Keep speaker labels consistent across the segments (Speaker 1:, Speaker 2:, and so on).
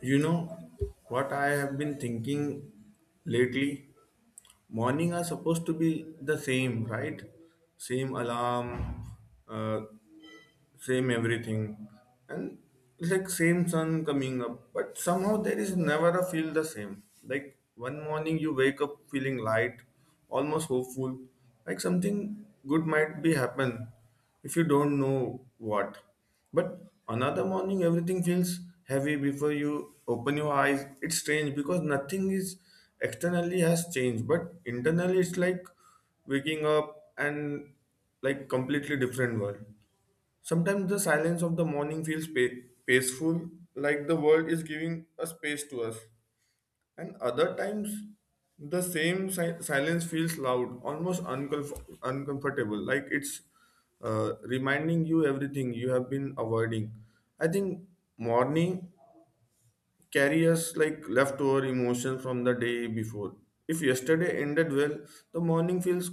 Speaker 1: You know what I have been thinking lately? Morning are supposed to be the same, right? Same alarm, uh, same everything and it's like same sun coming up, but somehow there is never a feel the same. Like one morning you wake up feeling light, almost hopeful, like something good might be happen if you don't know what. But another morning everything feels heavy before you open your eyes. It's strange because nothing is externally has changed, but internally it's like waking up and like completely different world. Sometimes the silence of the morning feels peaceful, like the world is giving a space to us. And other times, the same silence feels loud, almost uncomfortable, like it's reminding you everything you have been avoiding. I think morning carry us like leftover emotion from the day before. If yesterday ended well, the morning feels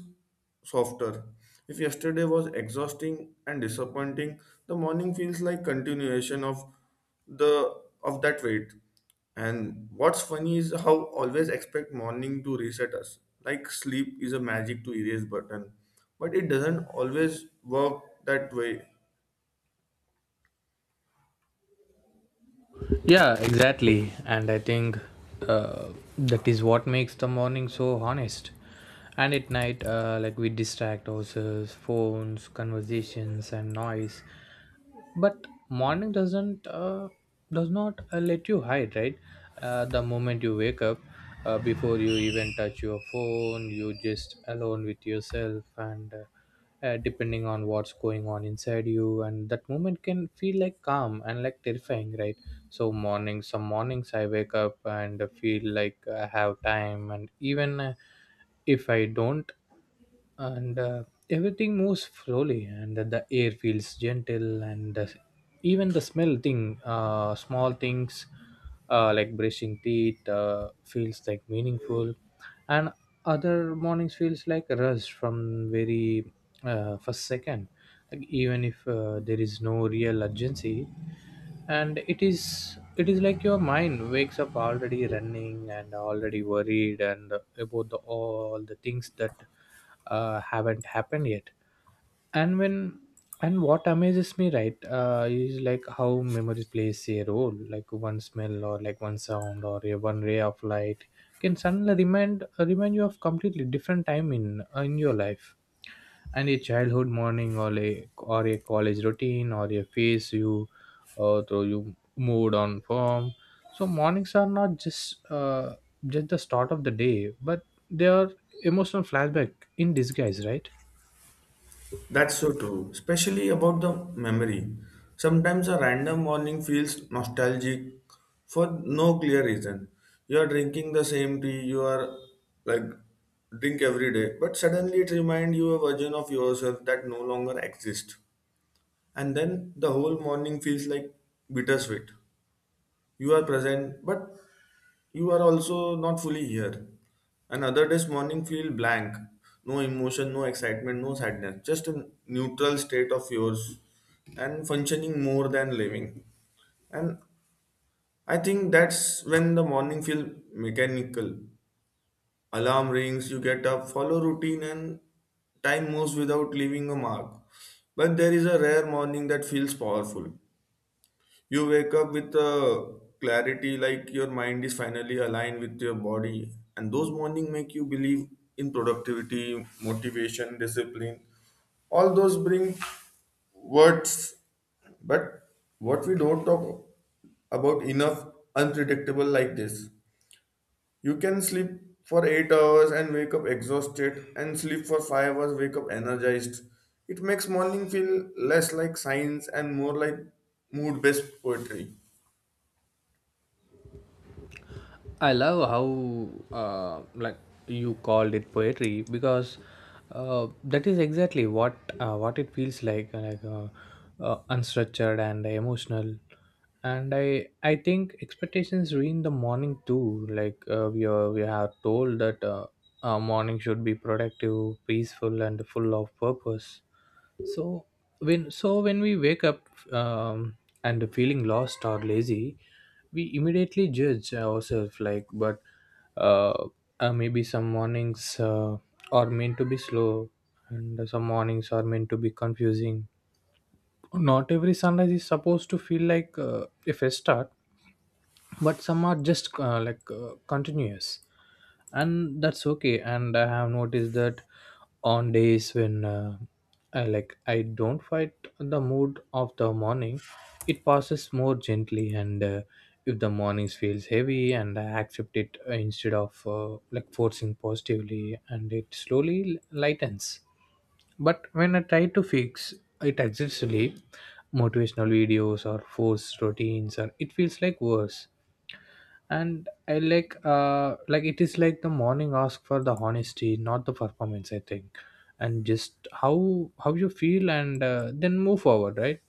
Speaker 1: softer. If yesterday was exhausting and disappointing, the morning feels like continuation of the of that weight. And what's funny is how always expect morning to reset us. Like sleep is a magic to erase button, but it doesn't always work that way.
Speaker 2: Yeah, exactly. And I think uh, that is what makes the morning so honest. And at night, like we distract ourselves, phones, conversations, and noise, but morning does not let you hide, right? The moment you wake up, before you even touch your phone, you just alone with yourself, and depending on what's going on inside you, and that moment can feel like calm and like terrifying, right? So morning some mornings I wake up and feel like I have time, and even if I don't, and everything moves slowly and the air feels gentle, and even the smell thing small things, like brushing teeth feels like meaningful. And other mornings feels like a rush from very first second, like even if there is no real urgency, and it is like your mind wakes up already running and already worried, and about the all the things that haven't happened yet. And when and what amazes me, right? Is like how memory plays a role, like one smell, or like one sound, or a one ray of light can suddenly remind you of completely different time in your life, and a childhood morning, or a college routine, or a phase you through you moved on from. So mornings are not just the start of the day, but they are emotional flashback in disguise, right?
Speaker 1: That's so true, especially about the memory. Sometimes a random morning feels nostalgic for no clear reason. You are drinking the same tea you are like drink every day, but suddenly it reminds you a version of yourself that no longer exists. And then the whole morning feels like bittersweet. You are present, but you are also not fully here. Another day's morning feel blank. No emotion, no excitement, no sadness. Just a neutral state of yours and functioning more than living. And I think that's when the morning feel mechanical. Alarm rings, you get up, follow routine and time moves without leaving a mark. But there is a rare morning that feels powerful. You wake up with a clarity like your mind is finally aligned with your body, and those morning make you believe in productivity, motivation, discipline. All those bring words, but what we don't talk about enough unpredictable like this. You can sleep for 8 hours and wake up exhausted, and sleep for 5 hours, wake up energized. It makes morning feel less like science and more like mood based poetry.
Speaker 2: I love how you called it poetry, because that is exactly what it feels like, unstructured and emotional. And I think expectations ruin the morning too, like we are told that our morning should be productive, peaceful, and full of purpose. So when we wake up um, and feeling lost or lazy, we immediately judge ourselves, like, but uh, maybe some mornings are meant to be slow, and some mornings are meant to be confusing. Not every sunrise is supposed to feel like a fresh start, but some are just continuous, and that's okay. And I have noticed that on days when I don't fight the mood of the morning, it passes more gently, and if the mornings feels heavy and I accept it, instead of forcing positively, and it slowly lightens. But when I try to fix it aggressively, motivational videos or forced routines, or it feels like worse. And I like it is like the morning ask for the honesty, not the performance, I think. And just how you feel, and then move forward, right?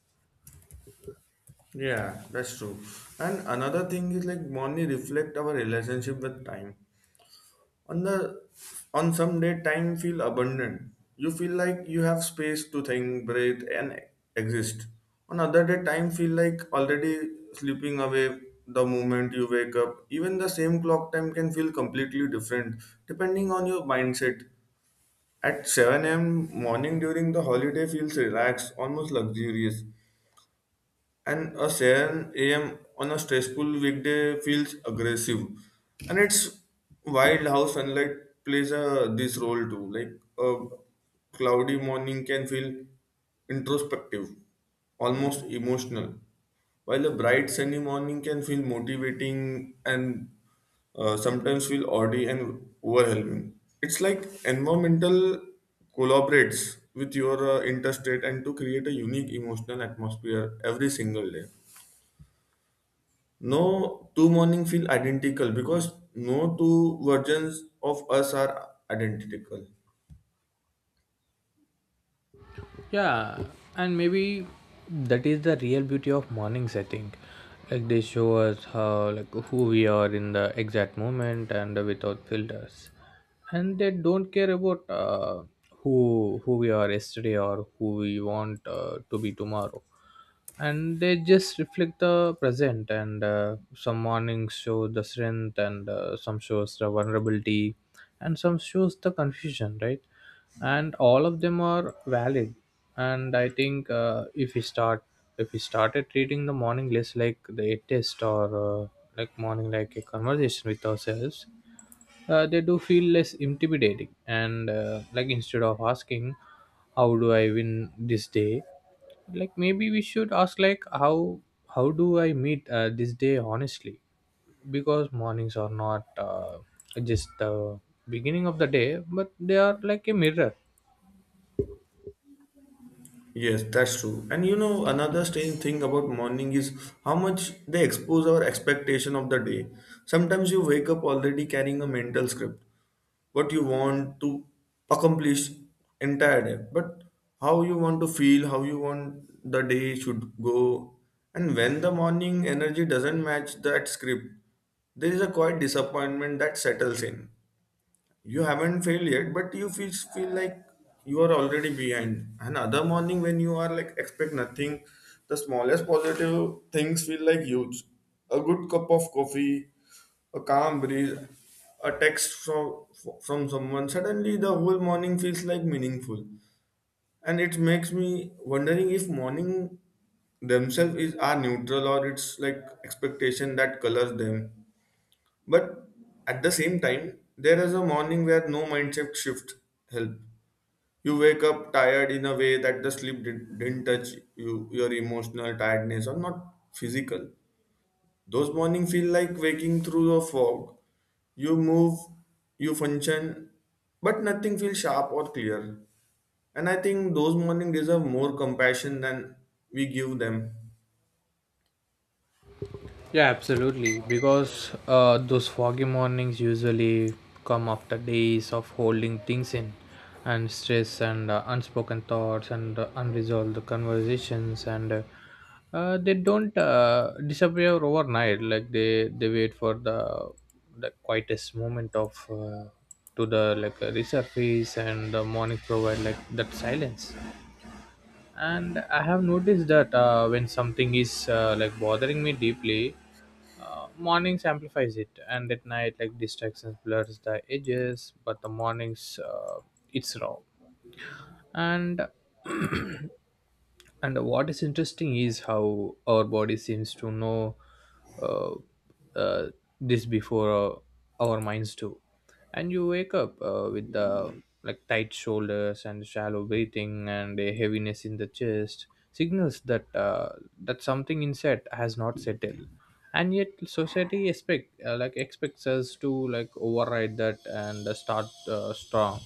Speaker 1: Yeah, that's true. And another thing is like money reflect our relationship with time. On the on some day time feel abundant. You feel like you have space to think, breathe and exist. On other day time feel like already slipping away the moment you wake up. Even the same clock time can feel completely different depending on your mindset. At 7 a.m. morning during the holiday feels relaxed, almost luxurious, and a 7 a.m. on a stressful weekday feels aggressive. And it's wild how sunlight plays a, this role too. Like a cloudy morning can feel introspective, almost emotional, while a bright sunny morning can feel motivating and sometimes feel oddly and overwhelming. It's like environmental collaborates with your interstate and to create a unique emotional atmosphere every single day. No two morning feel identical because no two versions of us are identical.
Speaker 2: Yeah, and maybe that is the real beauty of mornings, I think. Like they show us how, like, who we are in the exact moment, and without filters. And they don't care about who we are yesterday, or who we want to be tomorrow. And they just reflect the present, and some mornings show the strength, and some shows the vulnerability, and some shows the confusion, right? And all of them are valid. And I think if we started treating the morning less like the test, or morning like a conversation with ourselves, they do feel less intimidating. And instead of asking, how do I win this day, like maybe we should ask, like, how do I meet this day honestly, because mornings are not just the beginning of the day, but they are like a mirror.
Speaker 1: Yes, that's true. And you know, another strange thing about morning is how much they expose our expectation of the day. Sometimes you wake up already carrying a mental script, what you want to accomplish entire day, but how you want to feel, how you want the day should go. And when the morning energy doesn't match that script, there is a quiet disappointment that settles in. You haven't failed yet, but you feel like you are already behind. And other morning when you are like expect nothing, the smallest positive things feel like huge. A good cup of coffee, a calm breeze, a text from someone, suddenly the whole morning feels like meaningful. And it makes me wondering if morning themselves is are neutral or it's like expectation that colors them. But at the same time, there is a morning where no mindset shift help. You wake up tired in a way that the sleep didn't touch you, your emotional tiredness or not physical. Those morning feel like waking through a fog. You move, you function, but nothing feels sharp or clear. And I think those morning deserve more compassion than we give them.
Speaker 2: Yeah, absolutely. Because those foggy mornings usually come after days of holding things in, and stress, and unspoken thoughts, and unresolved conversations, and they don't disappear overnight. Like they wait for the quietest moment of to the like resurface, and the morning provide like that silence. And I have noticed that when something is like bothering me deeply, mornings amplifies it. And at night, like, distractions blurs the edges, but the mornings it's raw. And and what is interesting is how our body seems to know uh, uh, this before our minds do. And you wake up with the, like, tight shoulders and shallow breathing and a heaviness in the chest, signals that that something inside has not settled. And yet society expects us to like override that, and start strong.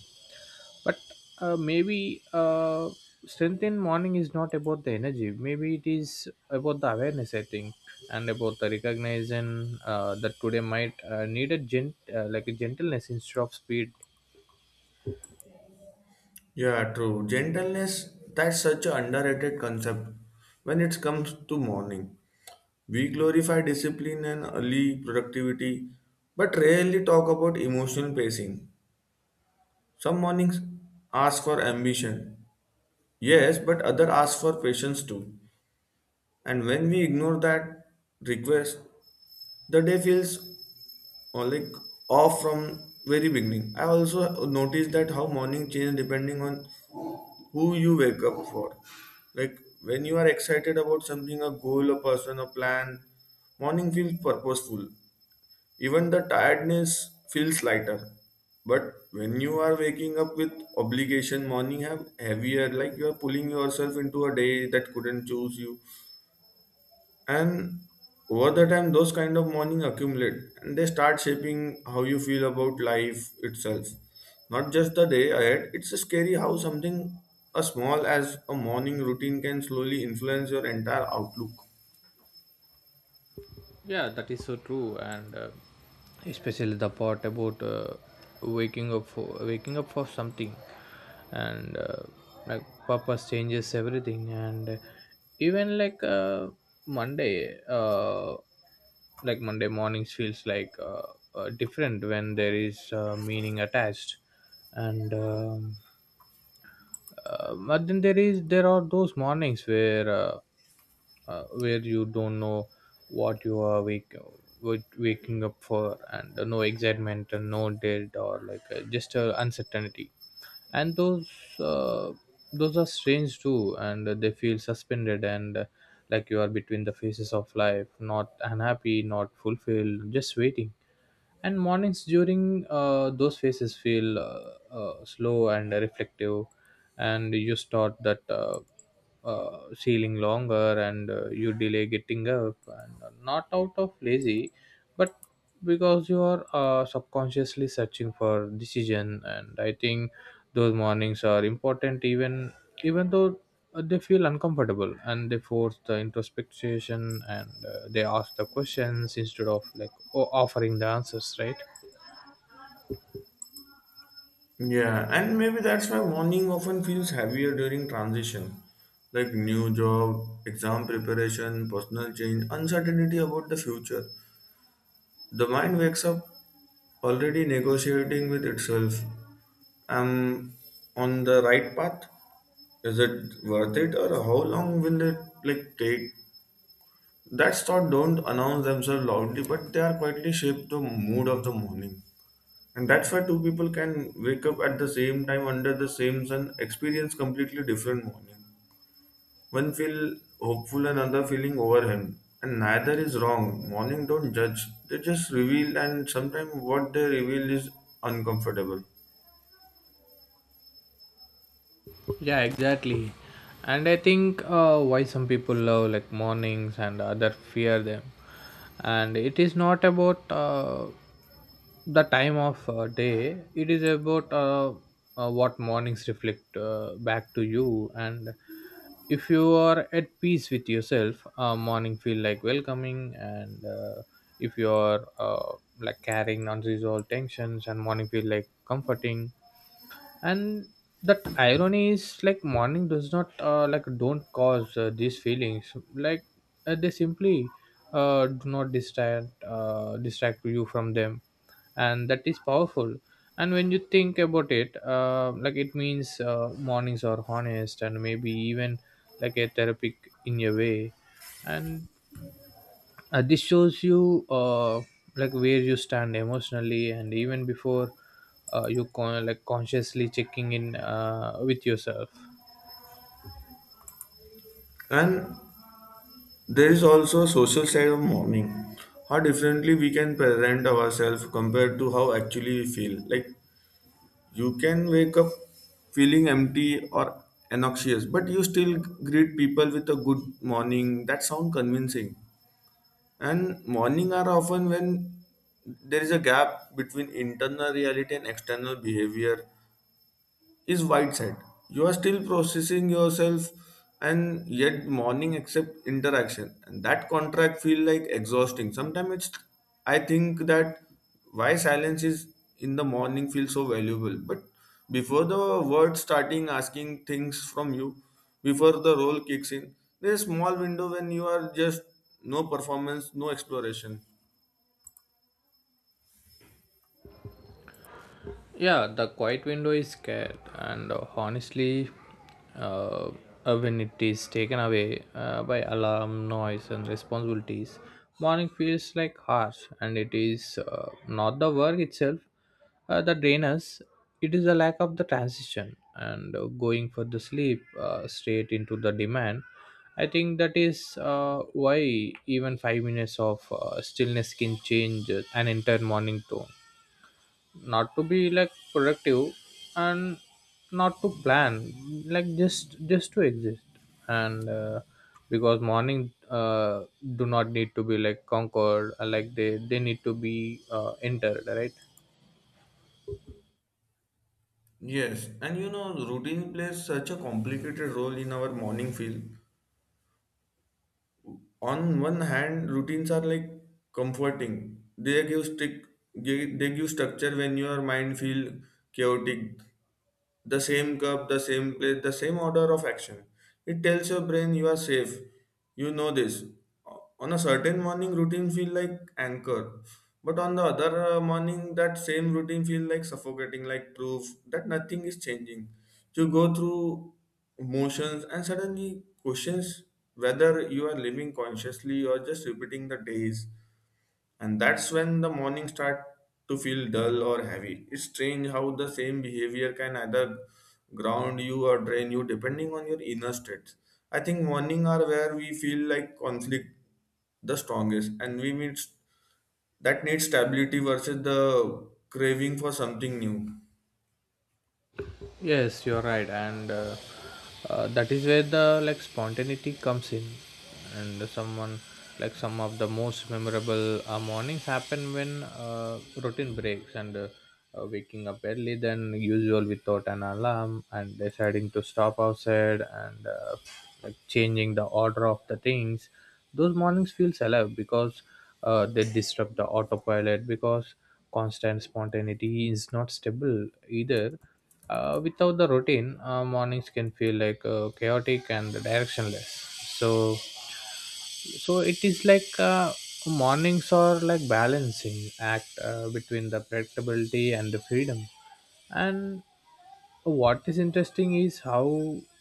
Speaker 2: But maybe strength in morning is not about the energy, maybe it is about the awareness, I think. And about the recognition that today might need a gent like a gentleness instead of speed.
Speaker 1: Yeah, true. Gentleness, that's such an underrated concept when it comes to mourning. We glorify discipline and early productivity, but rarely talk about emotional pacing. Some mornings ask for ambition, yes, but other ask for patience too. And when we ignore that request, the day feels like off from very beginning. I also noticed that how morning change depending on who you wake up for. Like when you are excited about something, a goal, a person, a plan, morning feels purposeful. Even the tiredness feels lighter. But when you are waking up with obligation, morning have heavier, like you are pulling yourself into a day that couldn't choose you. And over the time, those kind of morning accumulate and they start shaping how you feel about life itself. Not just the day ahead, it's scary how something as small as a morning routine can slowly influence your entire outlook.
Speaker 2: Yeah, that is so true, and especially the part about waking up for something, and like purpose changes everything, and even like Monday, Monday mornings feels like different when there is meaning attached, and. But then there are those mornings where you don't know what you are wake, what waking up for, and no excitement and no dread, or like just uncertainty. And uh, those are strange too, and they feel suspended, and like you are between the phases of life, not unhappy, not fulfilled, just waiting. And mornings during those phases feel slow and reflective. And you start that ceiling longer, and you delay getting up, and not out of lazy, but because you are subconsciously searching for decision. And I think those mornings are important, even though they feel uncomfortable, and they force the introspection, and they ask the questions instead of offering the answers, right?
Speaker 1: Yeah, and maybe that's why morning often feels heavier during transition, like new job, exam preparation, personal change, uncertainty about the future. The mind wakes up already negotiating with itself. Am on the right path. Is it worth it, or how long will it like take? That thought don't announce themselves loudly, but they are quietly shape the mood of the morning. And that's why two people can wake up at the same time under the same sun, experience completely different morning. One feel hopeful, another feeling overwhelmed. And neither is wrong. Morning don't judge. They just reveal, and sometimes what they reveal is uncomfortable.
Speaker 2: Yeah, exactly. And I think why some people love like mornings and other fear them. And it is not about the time of day. It is about what mornings reflect back to you. And if you are at peace with yourself, morning feel like welcoming. And if you are like carrying unresolved tensions, and morning feel like comforting. And that irony is like morning does not like don't cause these feelings, like they simply do not distract distract you from them. And that is powerful. And when you think about it, like it means mornings are honest, and maybe even like a therapeutic in a way. And this shows you like where you stand emotionally, and even before you con- like consciously checking in with yourself.
Speaker 1: And there is also a social side of morning. How differently we can present ourselves compared to how actually we feel. Like you can wake up feeling empty or anxious, but you still greet people with a good morning. That sounds convincing. And morning are often when there is a gap between internal reality and external behavior is wide side. You are still processing yourself, and yet morning accept interaction. And that contract feel like exhausting. Sometimes it's I think that why silence is in the morning feels so valuable. But before the word starting asking things from you, before the role kicks in, there's a small window when you are just no performance, no exploration.
Speaker 2: Yeah, the quiet window is scared, and honestly, uh, when it is taken away by alarm, noise, and responsibilities, morning feels like harsh, and it is not the work itself that drains us. It is the lack of the transition, and going for the sleep straight into the demand. I think that is why even 5 minutes of stillness can change an entire morning tone, not to be like productive, and not to plan, like just to exist. And because morning do not need to be like conquered, like they need to be entered, right?
Speaker 1: Yes, and you know, routine plays such a complicated role in our morning feel. On one hand routines are like comforting. They give strict they give structure when your mind feel chaotic. The same cup, the same plate, the same order of action. It tells your brain you are safe. You know this. On a certain morning, routine feel like anchor, but on the other morning, that same routine feel like suffocating, like proof that nothing is changing. You go through motions and suddenly questions whether you are living consciously or just repeating the days. And that's when the morning start to feel dull or heavy. It's strange how the same behavior can either ground you or drain you depending on your inner states. I think morning are where we feel like conflict the strongest, and we need that needs stability versus the craving for something new.
Speaker 2: Yes, you're right, and that is where the, like, spontaneity comes in, and some of the most memorable mornings happen when routine breaks, and waking up early than usual without an alarm, and deciding to stop outside, and changing the order of the things. Those mornings feels alive because they disrupt the autopilot because constant spontaneity is not stable either. Without the routine, mornings can feel like chaotic and directionless. So so it is like, mornings are like balancing act between the predictability and the freedom. And what is interesting is how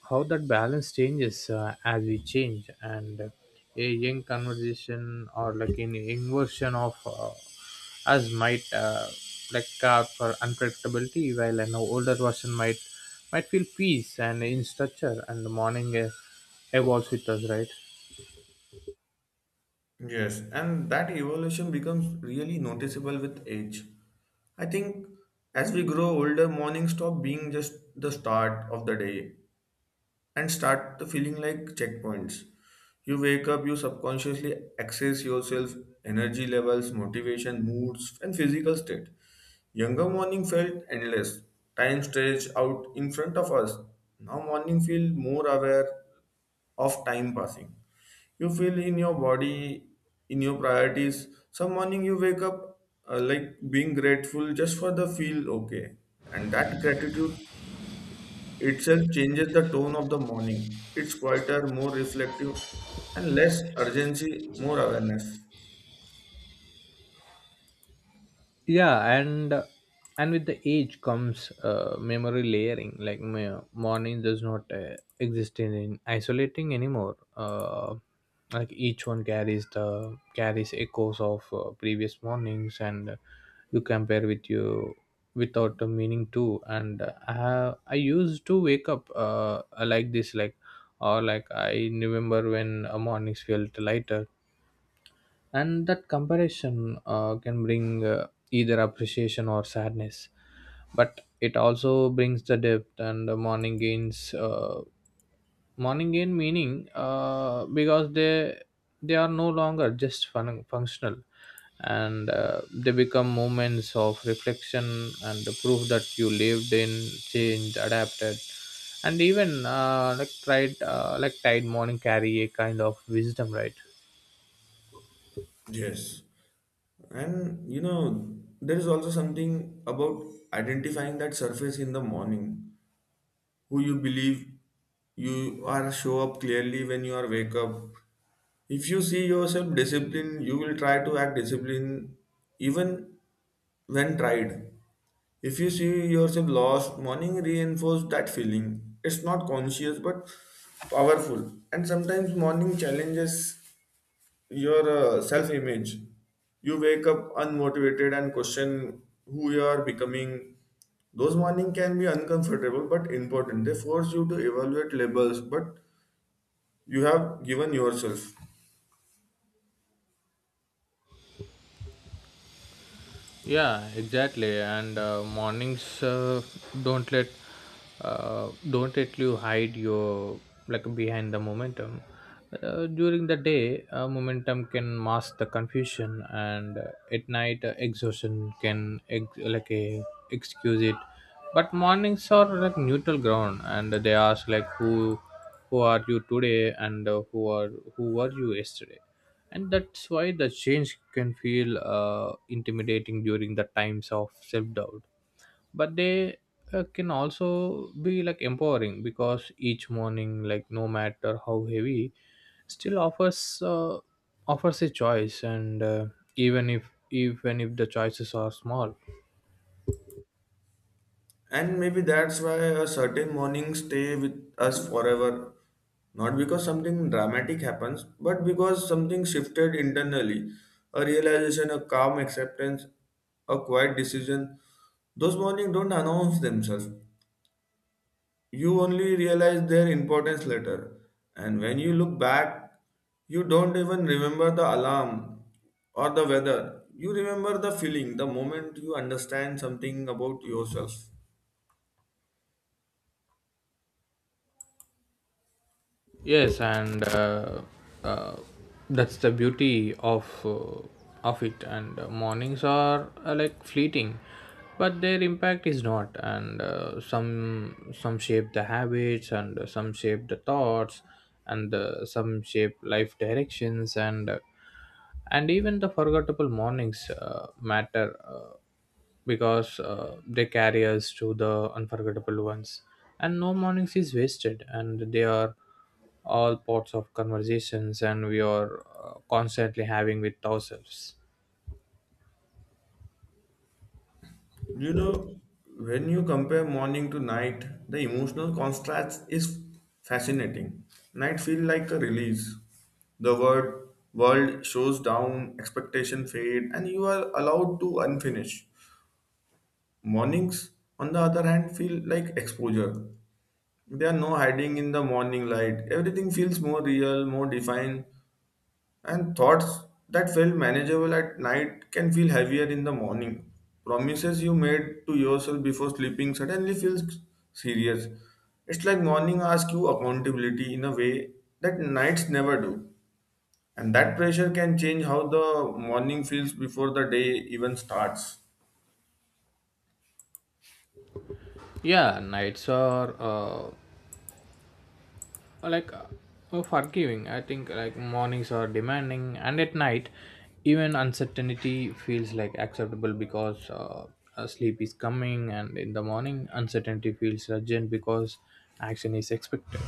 Speaker 2: how that balance changes as we change. And a young conversation or like an inversion of us might like care for unpredictability, while an older version might feel peace and in structure, and the morning evolves with us, right?
Speaker 1: Yes, and that evolution becomes really noticeable with age. I think as we grow older, morning stop being just the start of the day and start the feeling like checkpoints. You wake up, you subconsciously access yourself, energy levels, motivation, moods, and physical state. Younger morning felt endless. Time stretched out in front of us. Now morning feel more aware of time passing. You feel in your body, in your priorities. Some morning you wake up like being grateful just for the feel okay, and that gratitude itself changes the tone of the morning. It's quieter, more reflective, and less urgency, more awareness.
Speaker 2: Yeah, and with the age comes memory layering. Like my morning does not exist in isolating anymore. Like each one carries the carries echoes of previous mornings, and you compare with you without a meaning too. And I used to wake up like this, like, or like I remember when mornings felt lighter, and that comparison can bring either appreciation or sadness. But it also brings the depth, and the morning gains morning gain meaning because they are no longer just functional, and they become moments of reflection and the proof that you lived in, changed, adapted, and even like tried, like tide morning carry a kind of wisdom, right?
Speaker 1: Yes. And you know, there is also something about identifying that surface in the morning. Who you believe you are show up clearly when you are wake up. If you see yourself disciplined, you will try to act disciplined even when tried. If you see yourself lost, morning reinforce that feeling. It's not conscious but powerful. And sometimes morning challenges your self image. You wake up unmotivated and question who you are becoming. Those morning can be uncomfortable but important. They force you to evaluate labels but you have given yourself.
Speaker 2: Yeah, exactly. And mornings don't let don't let you hide your like behind the momentum. During the day, momentum can mask the confusion, and at night, exhaustion can like a excuse it. But mornings are like neutral ground, and they ask like who are you today, and who were you yesterday. And that's why the change can feel intimidating during the times of self-doubt, but they can also be like empowering, because each morning, like no matter how heavy, still offers a choice. And even if the choices are small.
Speaker 1: And maybe that's why a certain morning stay with us forever. Not because something dramatic happens, but because something shifted internally. A realization, a calm acceptance, a quiet decision. Those mornings don't announce themselves. You only realize their importance later. And when you look back, you don't even remember the alarm or the weather. You remember the feeling, the moment you understand something about yourself.
Speaker 2: Yes, and uh, that's the beauty of it. And mornings are like fleeting, but their impact is not. And some shape the habits, and some shape the thoughts, and some shape life directions, and even the forgettable mornings matter. Because they carry us to the unforgettable ones, and no mornings is wasted, and they are all parts of conversations, and we are constantly having with ourselves.
Speaker 1: You know, when you compare morning to night, the emotional contrast is fascinating. Night feels like a release. The world shows down, expectation fade, and you are allowed to unfinish. Mornings, on the other hand, feel like exposure. There are no hiding in the morning light. Everything feels more real, more defined, and thoughts that felt manageable at night can feel heavier in the morning. Promises you made to yourself before sleeping suddenly feels serious. It's like morning asks you accountability in a way that nights never do. And that pressure can change how the morning feels before the day even starts.
Speaker 2: Yeah, nights are like uh, oh, forgiving, I think. Like mornings are demanding, and at night even uncertainty feels like acceptable, because sleep is coming, and in the morning uncertainty feels urgent because action is expected.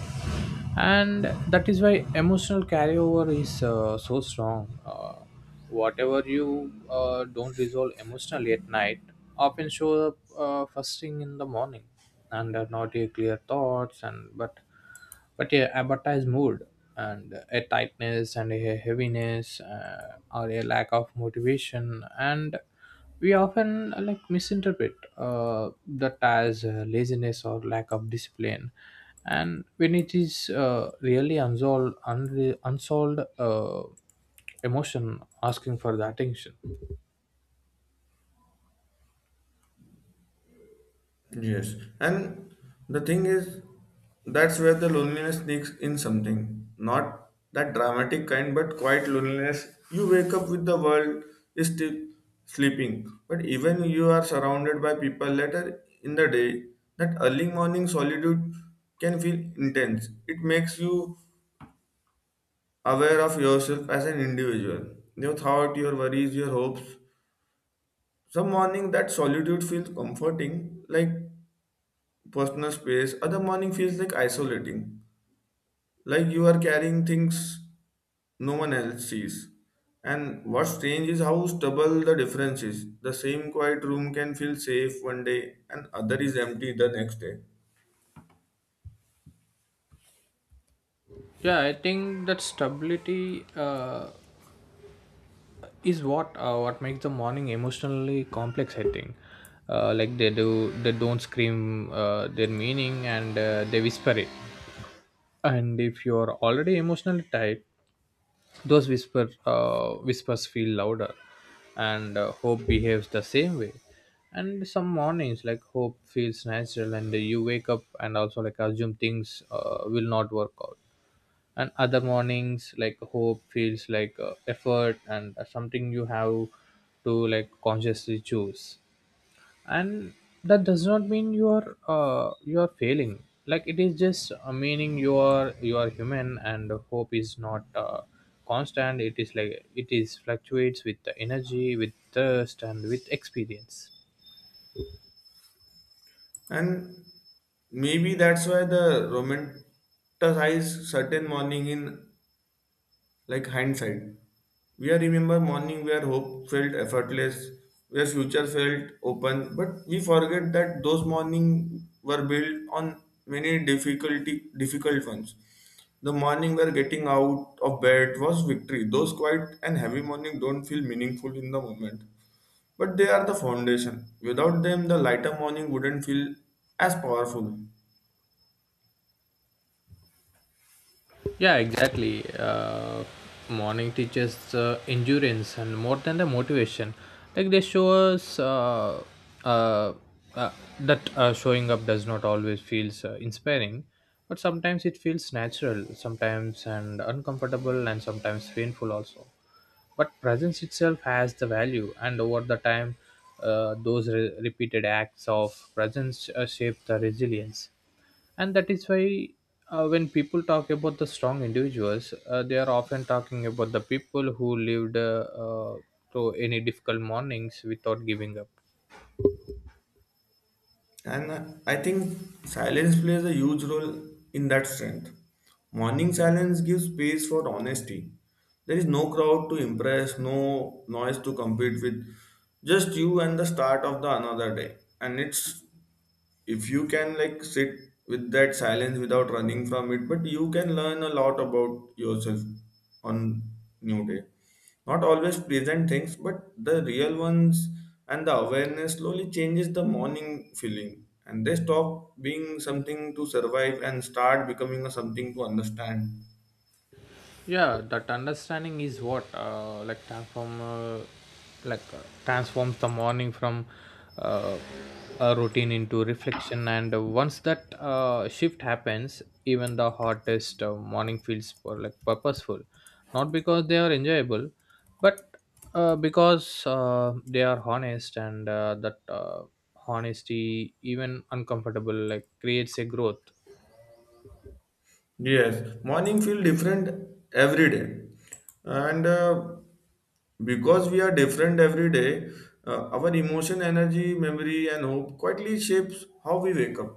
Speaker 2: And that is why emotional carryover is so strong. Whatever you don't resolve emotionally at night often show up first thing in the morning, and are not a clear thoughts. And but but yeah, advertise mood and a tightness and a heaviness, or a lack of motivation. And we often like misinterpret that as laziness or lack of discipline, and when it is really unsolved unsolved emotion asking for the attention.
Speaker 1: Yes, and the thing is, that's where the loneliness sneaks in something. Not that dramatic kind, but quiet loneliness. You wake up with the world is still sleeping, but even you are surrounded by people later in the day. That early morning solitude can feel intense. It makes you aware of yourself as an individual. Your thought, your worries, your hopes. Some morning that solitude feels comforting, like personal space, other morning feels like isolating, like you are carrying things no one else sees. And what's strange is how stubble the difference is. The same quiet room can feel safe one day and other is empty the next day.
Speaker 2: Yeah, I think that stability is what makes the morning emotionally complex, I think. Like they don't scream their meaning, and they whisper it. And if you're already emotionally tight, those whispers feel louder. And hope behaves the same way. And some mornings, like hope feels natural, and you wake up and also like assume things will not work out. And other mornings, like hope feels like effort, and something you have to like consciously choose. And that does not mean you are failing. Like it is just meaning you are human, and hope is not constant. It is like it is fluctuates with the energy, with thirst, and with experience.
Speaker 1: And maybe that's why the romanticize certain morning in like hindsight. We are remember morning where hope felt effortless, where future felt open, but we forget that those morning were built on many difficult ones. The morning where getting out of bed was victory. Those quiet and heavy morning don't feel meaningful in the moment, but they are the foundation. Without them, the lighter morning wouldn't feel as powerful.
Speaker 2: Yeah, exactly. Morning teaches endurance and more than the motivation. Like they show us uh, uh, that showing up does not always feels inspiring, but sometimes it feels natural, sometimes and uncomfortable, and sometimes painful also. But presence itself has the value, and over the time, those repeated acts of presence shape the resilience. And that is why when people talk about the strong individuals, they are often talking about the people who lived uh, through any difficult mornings without giving up.
Speaker 1: And I think silence plays a huge role in that strength. Morning silence gives space for honesty. There is no crowd to impress, no noise to compete with, just you and the start of the another day. And it's if you can like sit with that silence without running from it but you can learn a lot about yourself on new day, not always pleasant things but the real ones. And the awareness slowly changes the morning feeling and they stop being something to survive and start becoming a something to understand.
Speaker 2: Yeah, that understanding is what like transforms the morning from uh, a routine into reflection. And once that shift happens, even the hottest morning feels for like purposeful, not because they are enjoyable, but because they are honest, and that honesty, even uncomfortable, like creates a growth.
Speaker 1: Yes, morning feel different every day, and because we are different every day, our emotion, energy, memory, and hope quietly shapes how we wake up.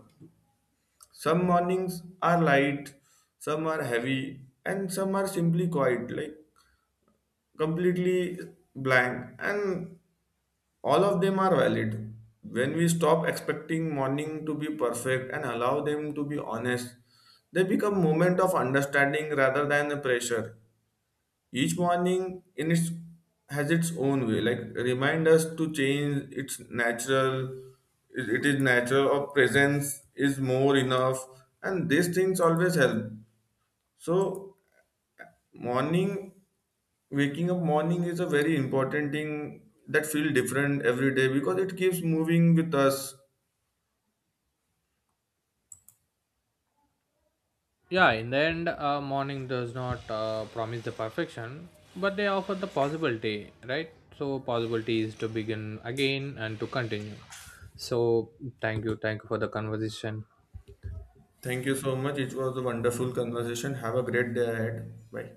Speaker 1: Some mornings are light, some are heavy, and some are simply quiet, like completely blank, and all of them are valid. When we stop expecting morning to be perfect and allow them to be honest, they become moment of understanding rather than a pressure. Each morning in its has its own way like remind us to change its natural. It is natural or presence is more enough, and these things always help. So morning, waking up morning is a very important thing that feel different every day because it keeps moving with us.
Speaker 2: Yeah, in the end, morning does not promise the perfection, but they offer the possibility, right? So, possibility is to begin again and to continue. So, thank you for the conversation.
Speaker 1: Thank you so much, it was a wonderful conversation, have a great day ahead, bye.